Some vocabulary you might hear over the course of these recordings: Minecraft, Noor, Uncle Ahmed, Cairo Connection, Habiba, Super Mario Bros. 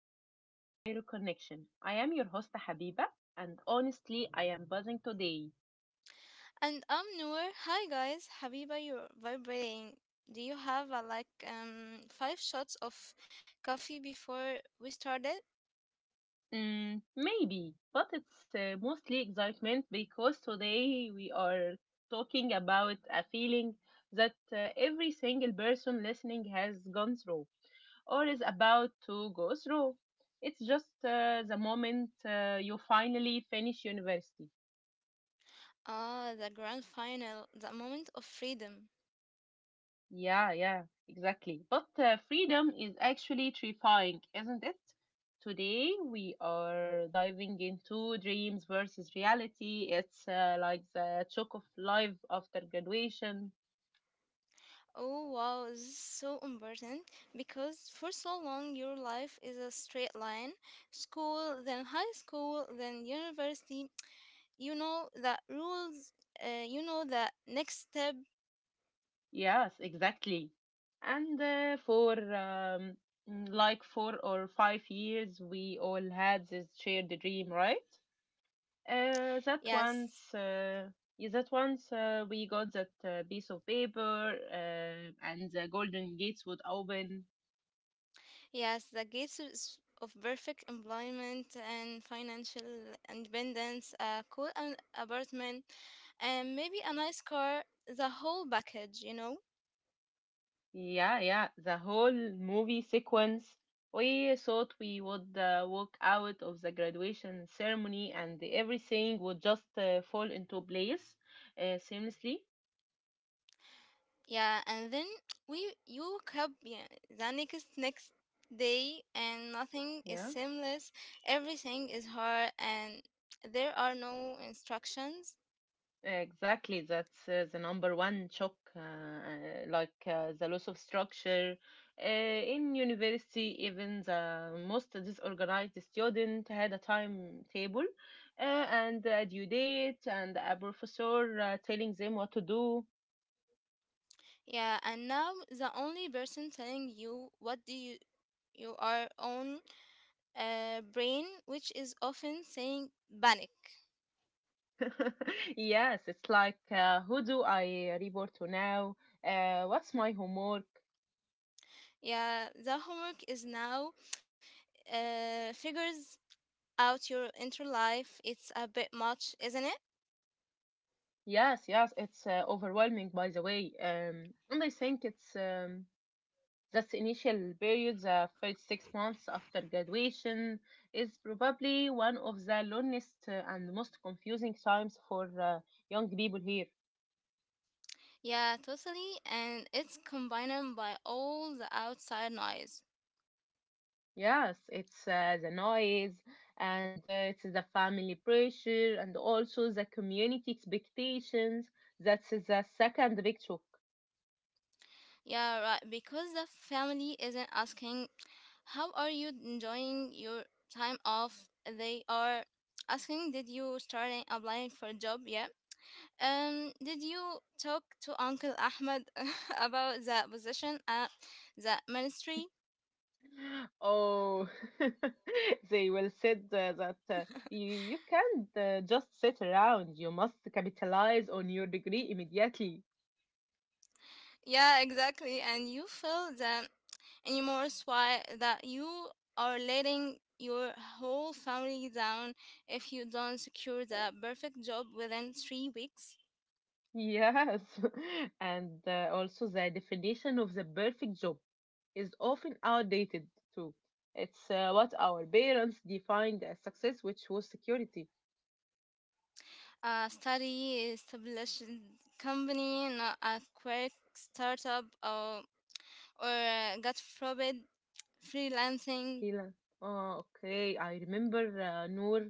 episode of the Cairo Connection. I am your host, Habiba, and honestly, I am buzzing today. And I'm Noor. Hi guys, Habiba, you're vibrating. Do you have like five shots of coffee before we started? Maybe, but it's mostly excitement because today we are talking about a feeling that every single person listening has gone through or is about to go through. It's just the moment you finally finish university. Ah, the grand final, the moment of freedom. Yeah, yeah, exactly. But freedom is actually terrifying, isn't it? Today we are diving into dreams versus reality. It's like the shock of life after graduation. Oh wow, this is so important because for so long your life is a straight line. School, then high school, then university. You know the rules, you know the next step. Yes, exactly. And for mm, like 4 or 5 years, we all had this shared dream, right? Uh, that Yes, once, uh, yeah, that once we got that piece of paper, and the golden gates would open. yes, the gates of perfect employment and financial independence, a cool an apartment, and maybe a nice car, the whole package, you know? Yeah, yeah, the whole movie sequence. We thought we would walk out of the graduation ceremony, and everything would just fall into place seamlessly. Yeah, and then we you wake up, yeah, the next day, and nothing is Yeah. seamless. Everything is hard and there are no instructions. Exactly, that's the number one shock, the loss of structure. In university, even the most disorganized student had a timetable and a due date, and a professor telling them what to do. Yeah, and now the only person telling you what do you are on, brain, which is often saying panic. Yes, it's like, who do I report to now? What's my homework? Yeah, the homework is now, figures out your inner life. It's a bit much, isn't it? Yes, yes, it's overwhelming, by the way. And I think it's This initial period, the first 6 months after graduation, is probably one of the longest and most confusing times for young people here. Yeah, totally. And it's combined by all the outside noise. Yes, it's the noise and it's the family pressure and also the community expectations. That's the second big shock. Yeah, right. Because the family isn't asking, how are you enjoying your time off? They are asking, did you start applying for a job yet? Did you talk to Uncle Ahmed about the position at the ministry? Oh, they will said that you can't just sit around. You must capitalize on your degree immediately. Yeah, exactly. And you feel the remorse why that you are letting your whole family down if you don't secure the perfect job within 3 weeks. Yes, and also the definition of the perfect job is often outdated too. It's what our parents defined as success, which was security. A study established company, not a quick startup, or God forbid, freelancing. Freelance. Oh, okay. I remember, Noor,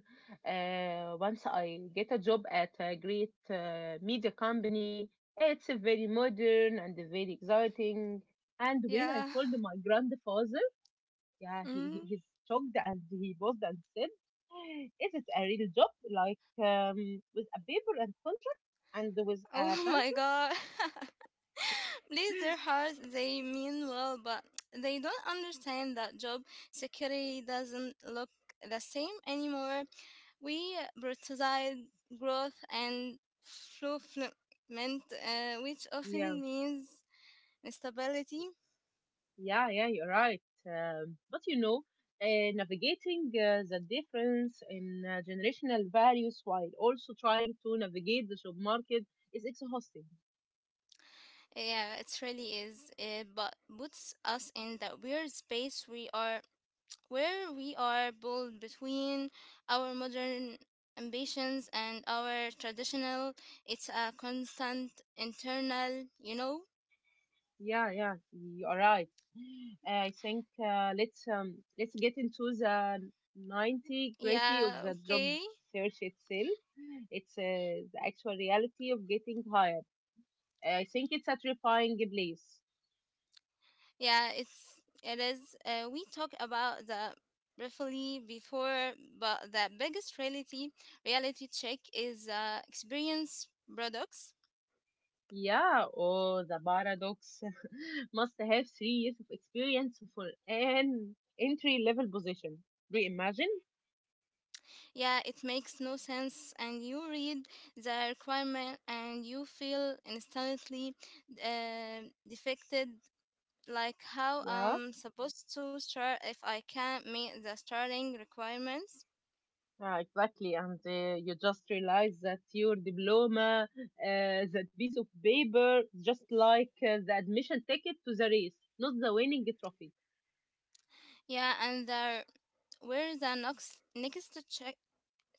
once I get a job at a great media company. It's a very modern and a very exciting. And when I Yeah. told my grandfather, yeah, he Mm-hmm. he's shocked and he paused and said, "Is it a real job? Like um, with a paper and contract and with a Oh my pencil?" god. Bless their hearts, they mean well, but they don't understand that job security doesn't look the same anymore. We prioritize growth and fulfillment, which Yeah, often means instability. yeah, yeah, you're right. But navigating the difference in generational values while also trying to navigate the job market is exhausting. Yeah, it really is. It but puts us in that weird space, we are where we are pulled between our modern ambitions and our traditional, it's a constant internal. Yeah, yeah, you're right. I think let's get into the ninety gritty Yeah, of the job okay, search itself. It's the actual reality of getting hired. I think it's a terrifying place. yeah, it is, we talk about the briefly before, but the biggest reality check is, experience products. Yeah, oh, the paradox. Must have 3 years of experience for an entry level position. Do you imagine? Yeah, it makes no sense. And you read the requirement and you feel instantly, defected. Like, how Yeah. I'm supposed to start if I can't meet the starting requirements? Yeah, exactly. And you just realize that your diploma, that piece of paper, just like the admission ticket to the race, not the winning trophy. Yeah, and there where the next check,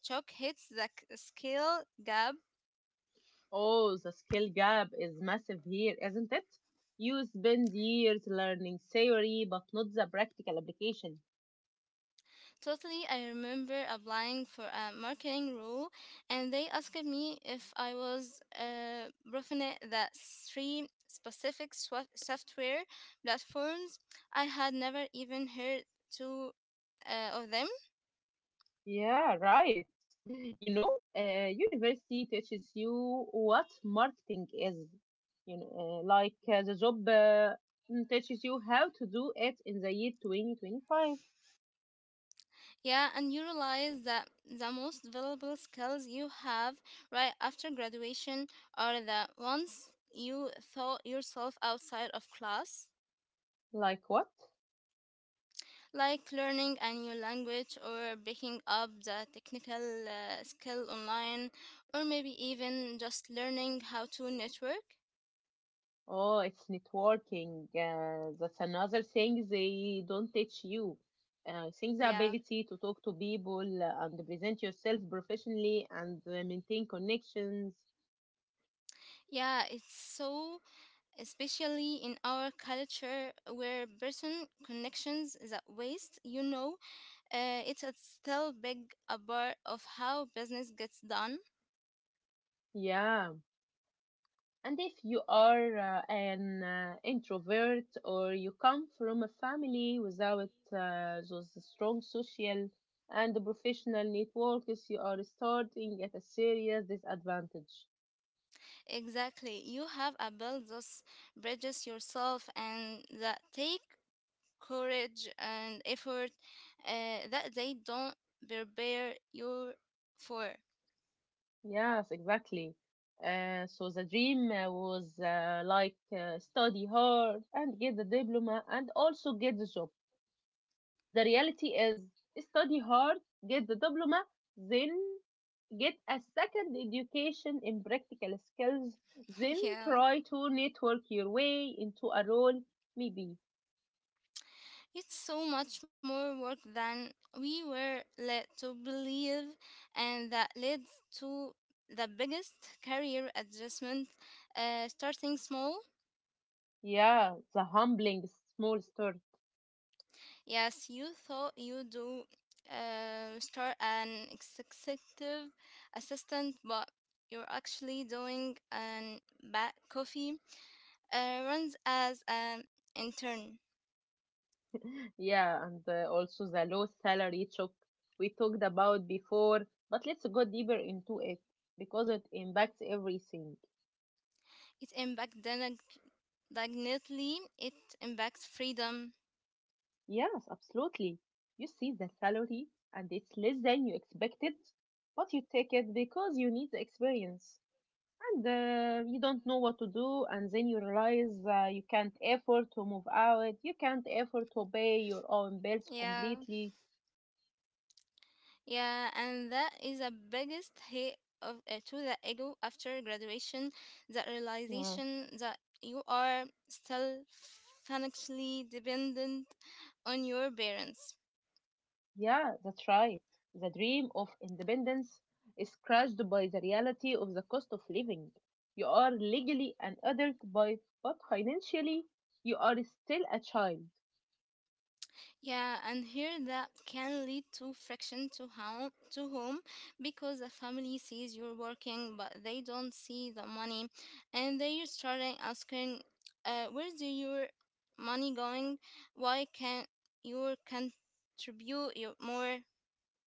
chalk hits the skill gap. Oh, the skill gap is massive here, isn't it? You spend years learning theory, but not the practical application. Totally, I remember applying for a marketing role, and they asked me if I was, proficient that three specific software platforms. I had never even heard two of them. Yeah, right. University teaches you what marketing is. Like the job teaches you how to do it in the year 2025. Yeah, and you realize that the most valuable skills you have right after graduation are the ones you thought yourself outside of class. Like what? Like learning a new language, or picking up the technical skill online, or maybe even just learning how to network. Oh, it's networking. That's another thing they don't teach you. Things the Yeah, ability to talk to people and present yourself professionally and maintain connections. yeah, it's so, especially in our culture where person connections that waste, it's a still big a part of how business gets done. Yeah. And if you are an introvert or you come from a family without those strong social and professional networks, you are starting at a serious disadvantage. Exactly, you have a build those bridges yourself, and that take courage and effort that they don't prepare you for. Yes, exactly. So the dream was like study hard and get the diploma and also get the job. The reality is study hard, get the diploma, then get a second education in practical skills, then Yeah, try to network your way into a role, maybe. it's so much more work than we were led to believe, and that leads to the biggest career adjustment, starting small. Yeah, the humbling small start. Yes, you thought you do. Start an executive assistant, but you're actually doing an back coffee runs as an intern. Yeah, and also the low salary shock we talked about before, but let's go deeper into it because it impacts everything. It impacts dignity, it impacts freedom. Yes, absolutely. You see the salary and it's less than you expected, but you take it because you need the experience and you don't know what to do. And then you realize you can't afford to move out, you can't afford to pay your own bills Yeah, completely. yeah, and that is the biggest hit of to the ego after graduation. The realization Yes. that you are still financially dependent on your parents. Yeah, that's right. The dream of independence is crushed by the reality of the cost of living. You are legally an adult, but financially, you are still a child. Yeah, and here that can lead to friction to home, because the family sees you're working, but they don't see the money, and they starting asking, where's your money going? Why can't you contribute your more,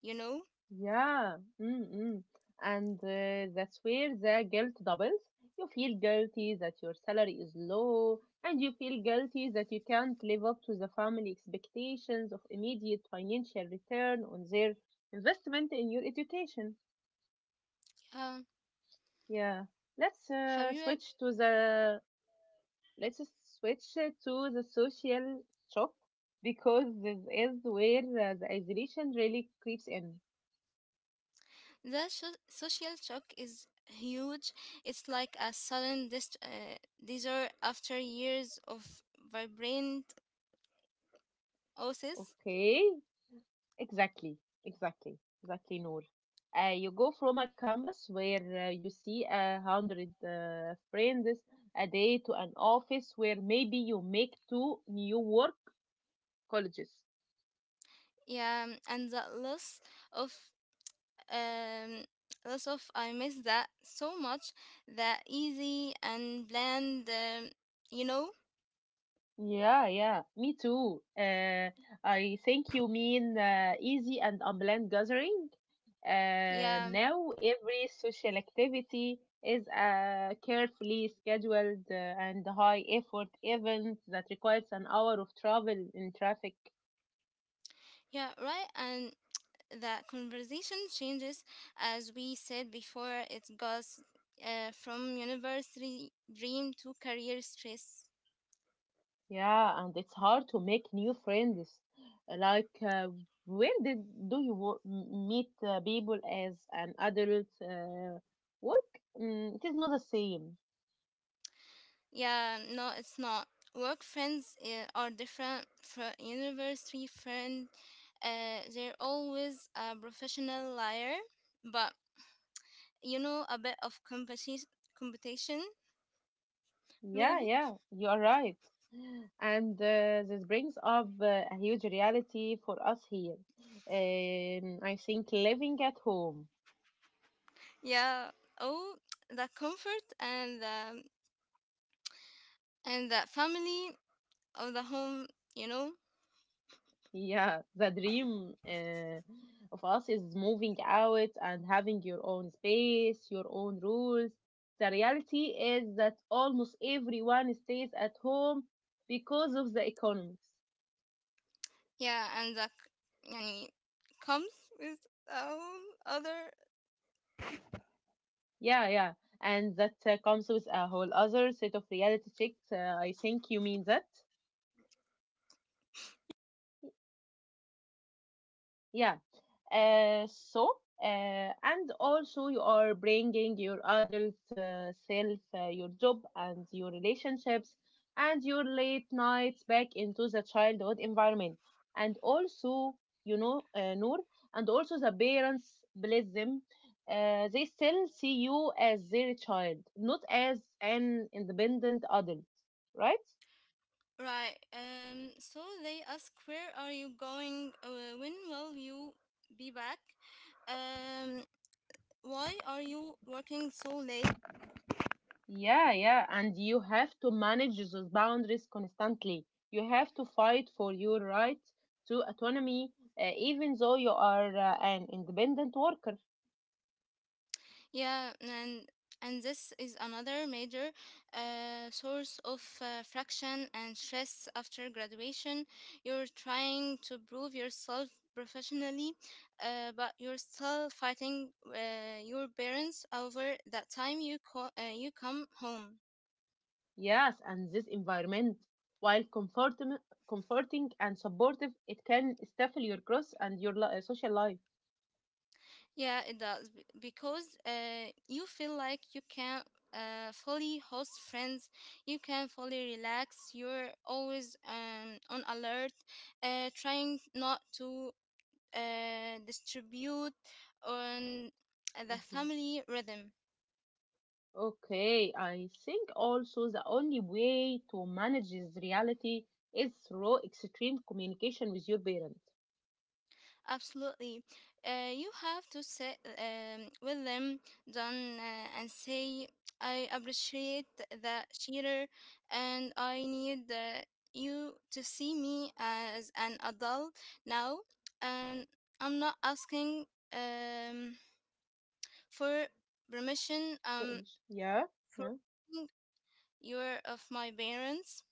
you know? Yeah, mm-mm. And that's where the guilt doubles. You feel guilty that your salary is low, and you feel guilty that you can't live up to the family expectations of immediate financial return on their investment in your education. Uh, Yeah, let's have uh, you had- switch to the let's switch to the social shock because this is where the isolation really creeps in. the social shock is huge. It's like a sudden desert after years of vibrant oasis. Okay, exactly, exactly, exactly, Noor. You go from a campus where you see 100 friends a day to an office where maybe you make two new work colleges. Yeah, and the of um loss of I miss that so much. That easy and bland, you know. Yeah, yeah, me too. I think you mean easy and unplanned gathering. Yeah, Now every social activity is a carefully scheduled and high effort event that requires an hour of travel in traffic. yeah, right. And that conversation changes, as we said before. It goes, from university dream to career stress. Yeah, and it's hard to make new friends. Like, where did do you wo- m- meet people as an adult? Work? It is not the same. Yeah, no, it's not. Work friends are different from university friend. They're always a professional liar, but a bit of competition Yeah, maybe. yeah, you are right. And this brings up a huge reality for us here. I think living at home. Yeah. Oh, the comfort and the family of the home, you know. Yeah, the dream of us is moving out and having your own space, your own rules. The reality is that almost everyone stays at home because of the economics. Yeah, and that, yani, comes with all other. Yeah, yeah. And that comes with a whole other set of reality checks. I think you mean that. Yeah. So, and also you are bringing your adult self, your job and your relationships and your late nights back into the childhood environment. And also, Noor, and also the parents, bless them, they still see you as their child, not as an independent adult, right? Right. So they ask, "Where are you going? When will you be back? Um. Why are you working so late?" Yeah, yeah, and you have to manage those boundaries constantly. You have to fight for your right to autonomy, even though you are an independent worker. Yeah. And this is another major source of friction and stress after graduation. You're trying to prove yourself professionally, but you're still fighting your parents over that time you come home. Yes, and this environment, while comforting and supportive, it can stifle your growth and your social life. Yeah, it does, because you feel like you can, fully host friends, you can fully relax, you're always, on alert, trying not to, distribute on the family rhythm. Okay, I think also the only way to manage this reality is through extreme communication with your parents. Absolutely. You have to sit, with them, done, and say, I appreciate that cheater, and I need, you to see me as an adult now. And I'm not asking, um, for permission, Parents. Yeah, for yeah, you're of my parents.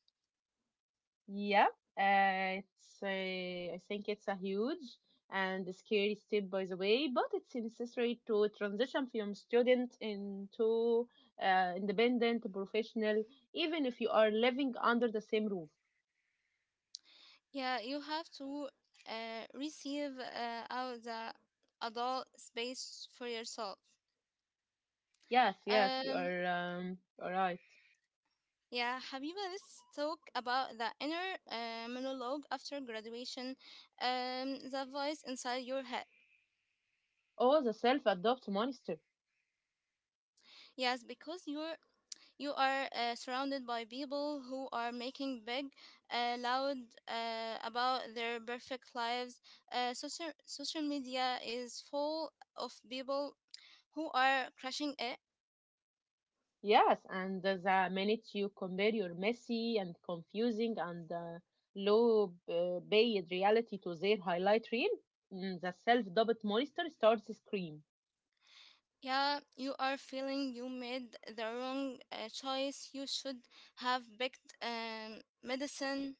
yeah. I think it's a huge and scary step, by the way, but it's necessary to transition from student into independent professional, even if you are living under the same roof. Yeah, you have to, receive, out the adult space for yourself. Yes, yes, you Um, are all right. yeah, Habiba, let's talk about the inner monologue after graduation, the voice inside your head. Oh, the self-adopt monster. Yes, because you are surrounded by people who are making big, loud about their perfect lives. Social media is full of people who are crushing it. Yes, and the minute you compare your messy and confusing and low paid reality to their highlight reel, the self doubt monster starts to scream. Yeah, you are feeling you made the wrong choice. You should have picked, medicine.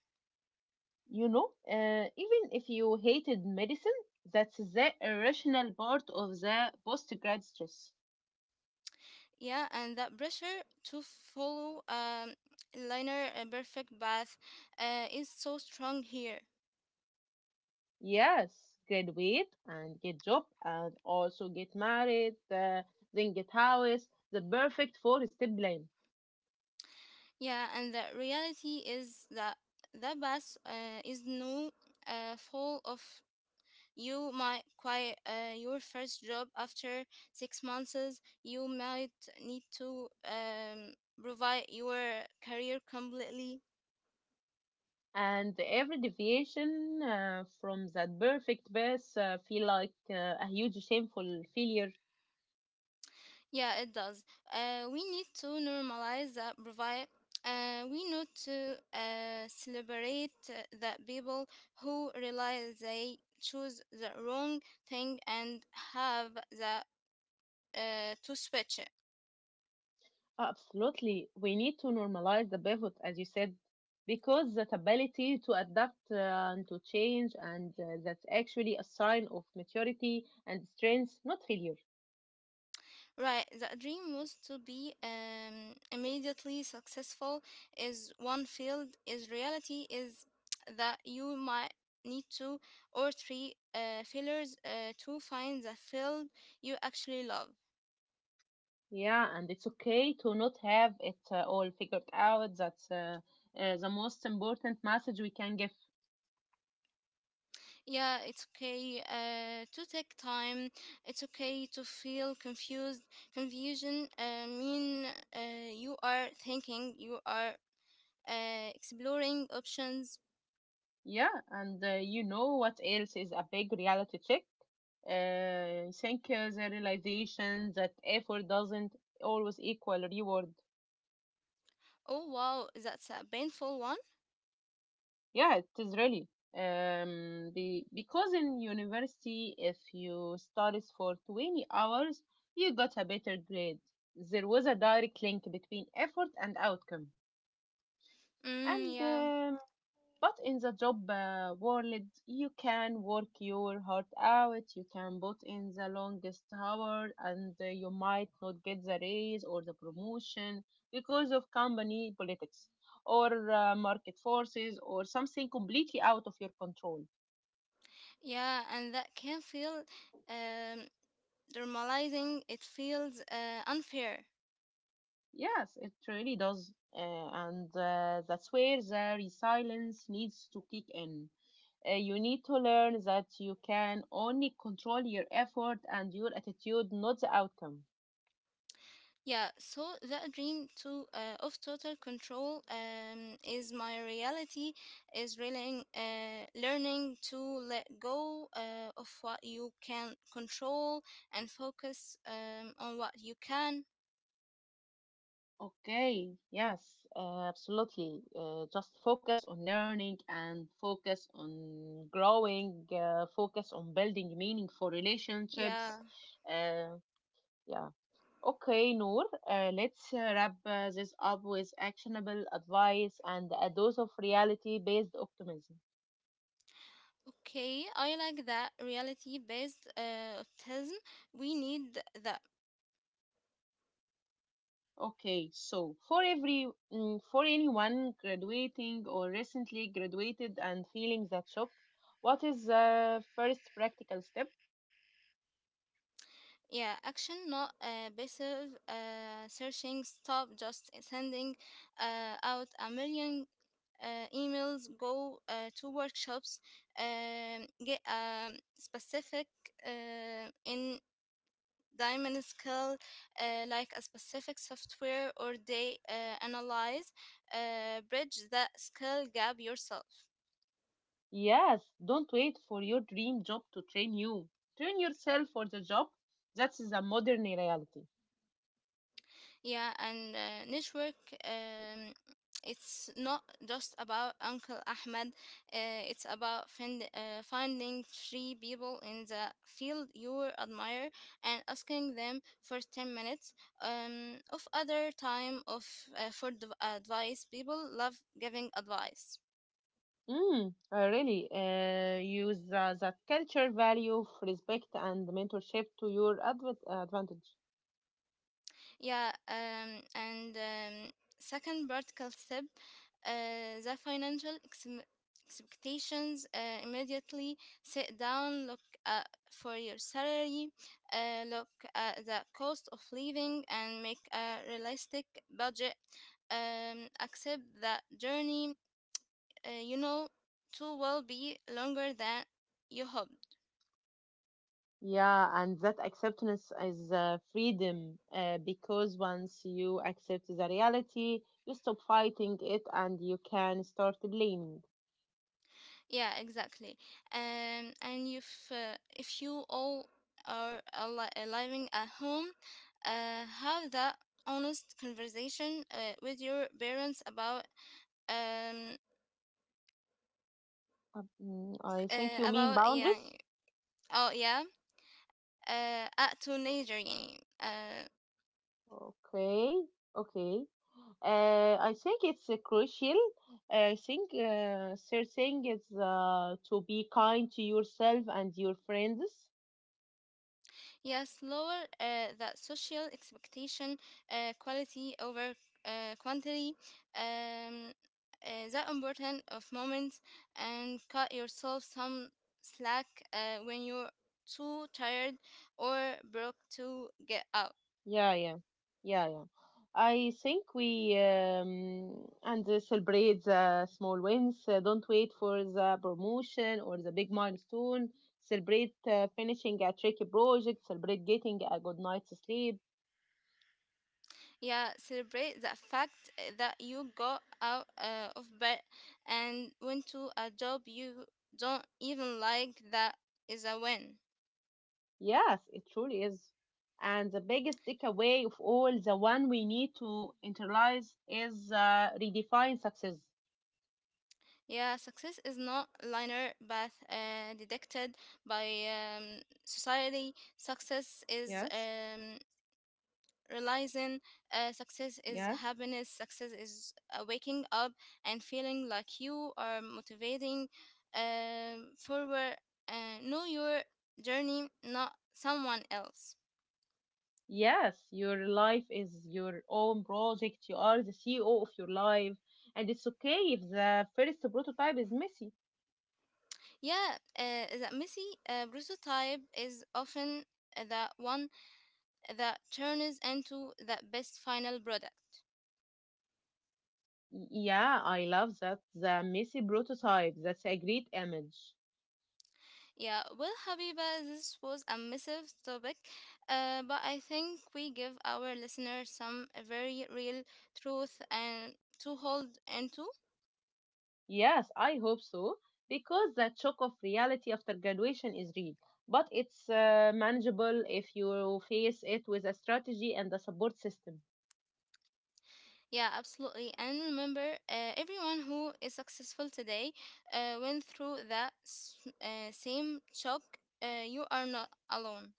Even if you hated medicine, that's the irrational part of the post grad stress. Yeah, and that pressure to follow, liner a perfect path is so strong here. Yes, graduate and get job and also get married, then get house, the perfect four step plan. Yeah, and the reality is that the bus is no full of. You might quite your first job after 6 months. You might need to, provide your career completely. And every deviation from that perfect path feel like a huge shameful failure. Yeah, it does. We need to normalize that provide. We need to, celebrate, that people who realize they choose the wrong thing and have that to switch it. Absolutely, we need to normalize the pivot, as you said, because that ability to adapt and to change, and that's actually a sign of maturity and strength, not failure. Right, the dream was to be, immediately successful is one field, is reality is that you might need two or three failures to find the field you actually love. Yeah, and it's okay to not have it all figured out. That's the most important message we can give. Yeah, it's okay to take time, it's okay to feel confused. Confusion mean you are thinking, you are exploring options. Yeah, and you know what else is a big reality check? I think the realization that effort doesn't always equal reward. Oh wow, that's a painful one. Yeah, it is really. Because in university, if you studied for 20 hours, you got a better grade. There was a direct link between effort and outcome. Mm, And yeah. um, But in the job world, you can work your heart out, you can put in the longest hour, and you might not get the raise or the promotion because of company politics or market forces or something completely out of your control. Yeah, and that can feel, um, normalizing. It feels unfair. Yes, it really does. And that's where the resilience needs to kick in. You need to learn that you can only control your effort and your attitude, not the outcome. Yeah, so that dream to of total control, is my reality. Is really learning to let go of what you can control and focus, on what you can. Okay, yes, absolutely. Just focus on learning and focus on growing, focus on building meaningful Yeah, relationships. Uh, yeah. Okay, Noor, let's wrap this up with actionable advice and a dose of reality-based optimism. okay, I like that reality based optimism. We need that. Okay, so for for anyone graduating or recently graduated and feeling that shock, what is the first practical step? Yeah, action, not passive searching. Stop just sending out a million emails. Go to workshops. Get a specific in diamond skill, like a specific software, or they, analyze, bridge that skill gap yourself. Yes, don't wait for your dream job to train you. Train yourself for the job. That is a modern reality. Yeah, and network. It's not just about Uncle Ahmed. It's about finding three people in the field you admire, and asking them for 10 minutes, of other time of for the advice. People love giving advice. I really use the culture value of respect and mentorship to your advantage. Yeah, and second vertical step, the financial expectations. Immediately sit down, look uh, for your salary, look at the cost of living, and make a realistic budget. Accept that journey, uh, you know, too will be longer than you hope. Yeah, and that acceptance is freedom because once you accept the reality, you stop fighting it and you can start blaming. Yeah, exactly. And if you all are living at home, have that honest conversation with your parents about, um I think you mean about yeah, boundaries? oh yeah, at teenager, yeah, Okay, okay. I think it's crucial. I think third thing is to be kind to yourself and your friends. Yes, lower the social expectation, quality over quantity, um, the importance of moments, and cut yourself some slack when you're too tired or broke to get out. Yeah, yeah, yeah, yeah. I think we and celebrate the small wins. Don't wait for the promotion or the big milestone. Celebrate finishing a tricky project. Celebrate getting a good night's sleep. Yeah, celebrate the fact that you got out of bed and went to a job you don't even like. That is a win. Yes, it truly is. And the biggest takeaway of all, the one we need to internalize, is redefine success. Yeah, success is not linear but detected by, society. Success is, Yes, realizing success is yes, happiness. Success is waking up and feeling like you are motivating forward. Know your journey, not someone else. yes. Your life is your own project. You are the CEO of your life. And it's okay if the first prototype is messy. Yeah, that messy prototype is often the one that turns into the best final product. Yeah, I love that. The messy prototype. That's a great image. Yeah, well, Habiba, this was a massive topic, but I think we give our listeners some very real truth and to hold into. Yes, I hope so, because that shock of reality after graduation is real, but it's manageable if you face it with a strategy and a support system. Yeah, absolutely. And remember, everyone who is successful today went through that same shock. You are not alone.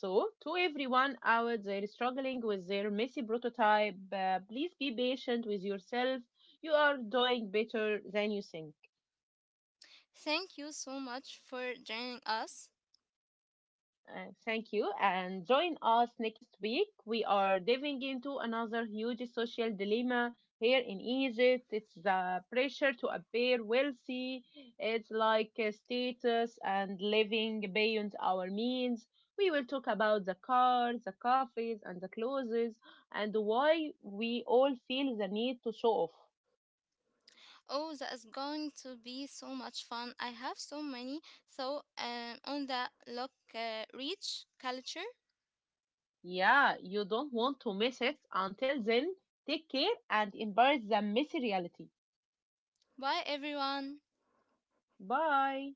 So, to everyone out there struggling with their messy prototype, please be patient with yourself. You are doing better than you think. Thank you so much for joining us. Thank you. And join us next week. We are diving into another huge social dilemma here in Egypt. It's the pressure to appear wealthy, it's like status and living beyond our means. We will talk about the cars, the coffees, and the clothes, and why we all feel the need to show off. Oh, that is going to be so much fun. I have so many. So, on that look, Reach Culture. Yeah, you don't want to miss it. Until then, take care and embrace the messy reality. Bye, everyone. Bye.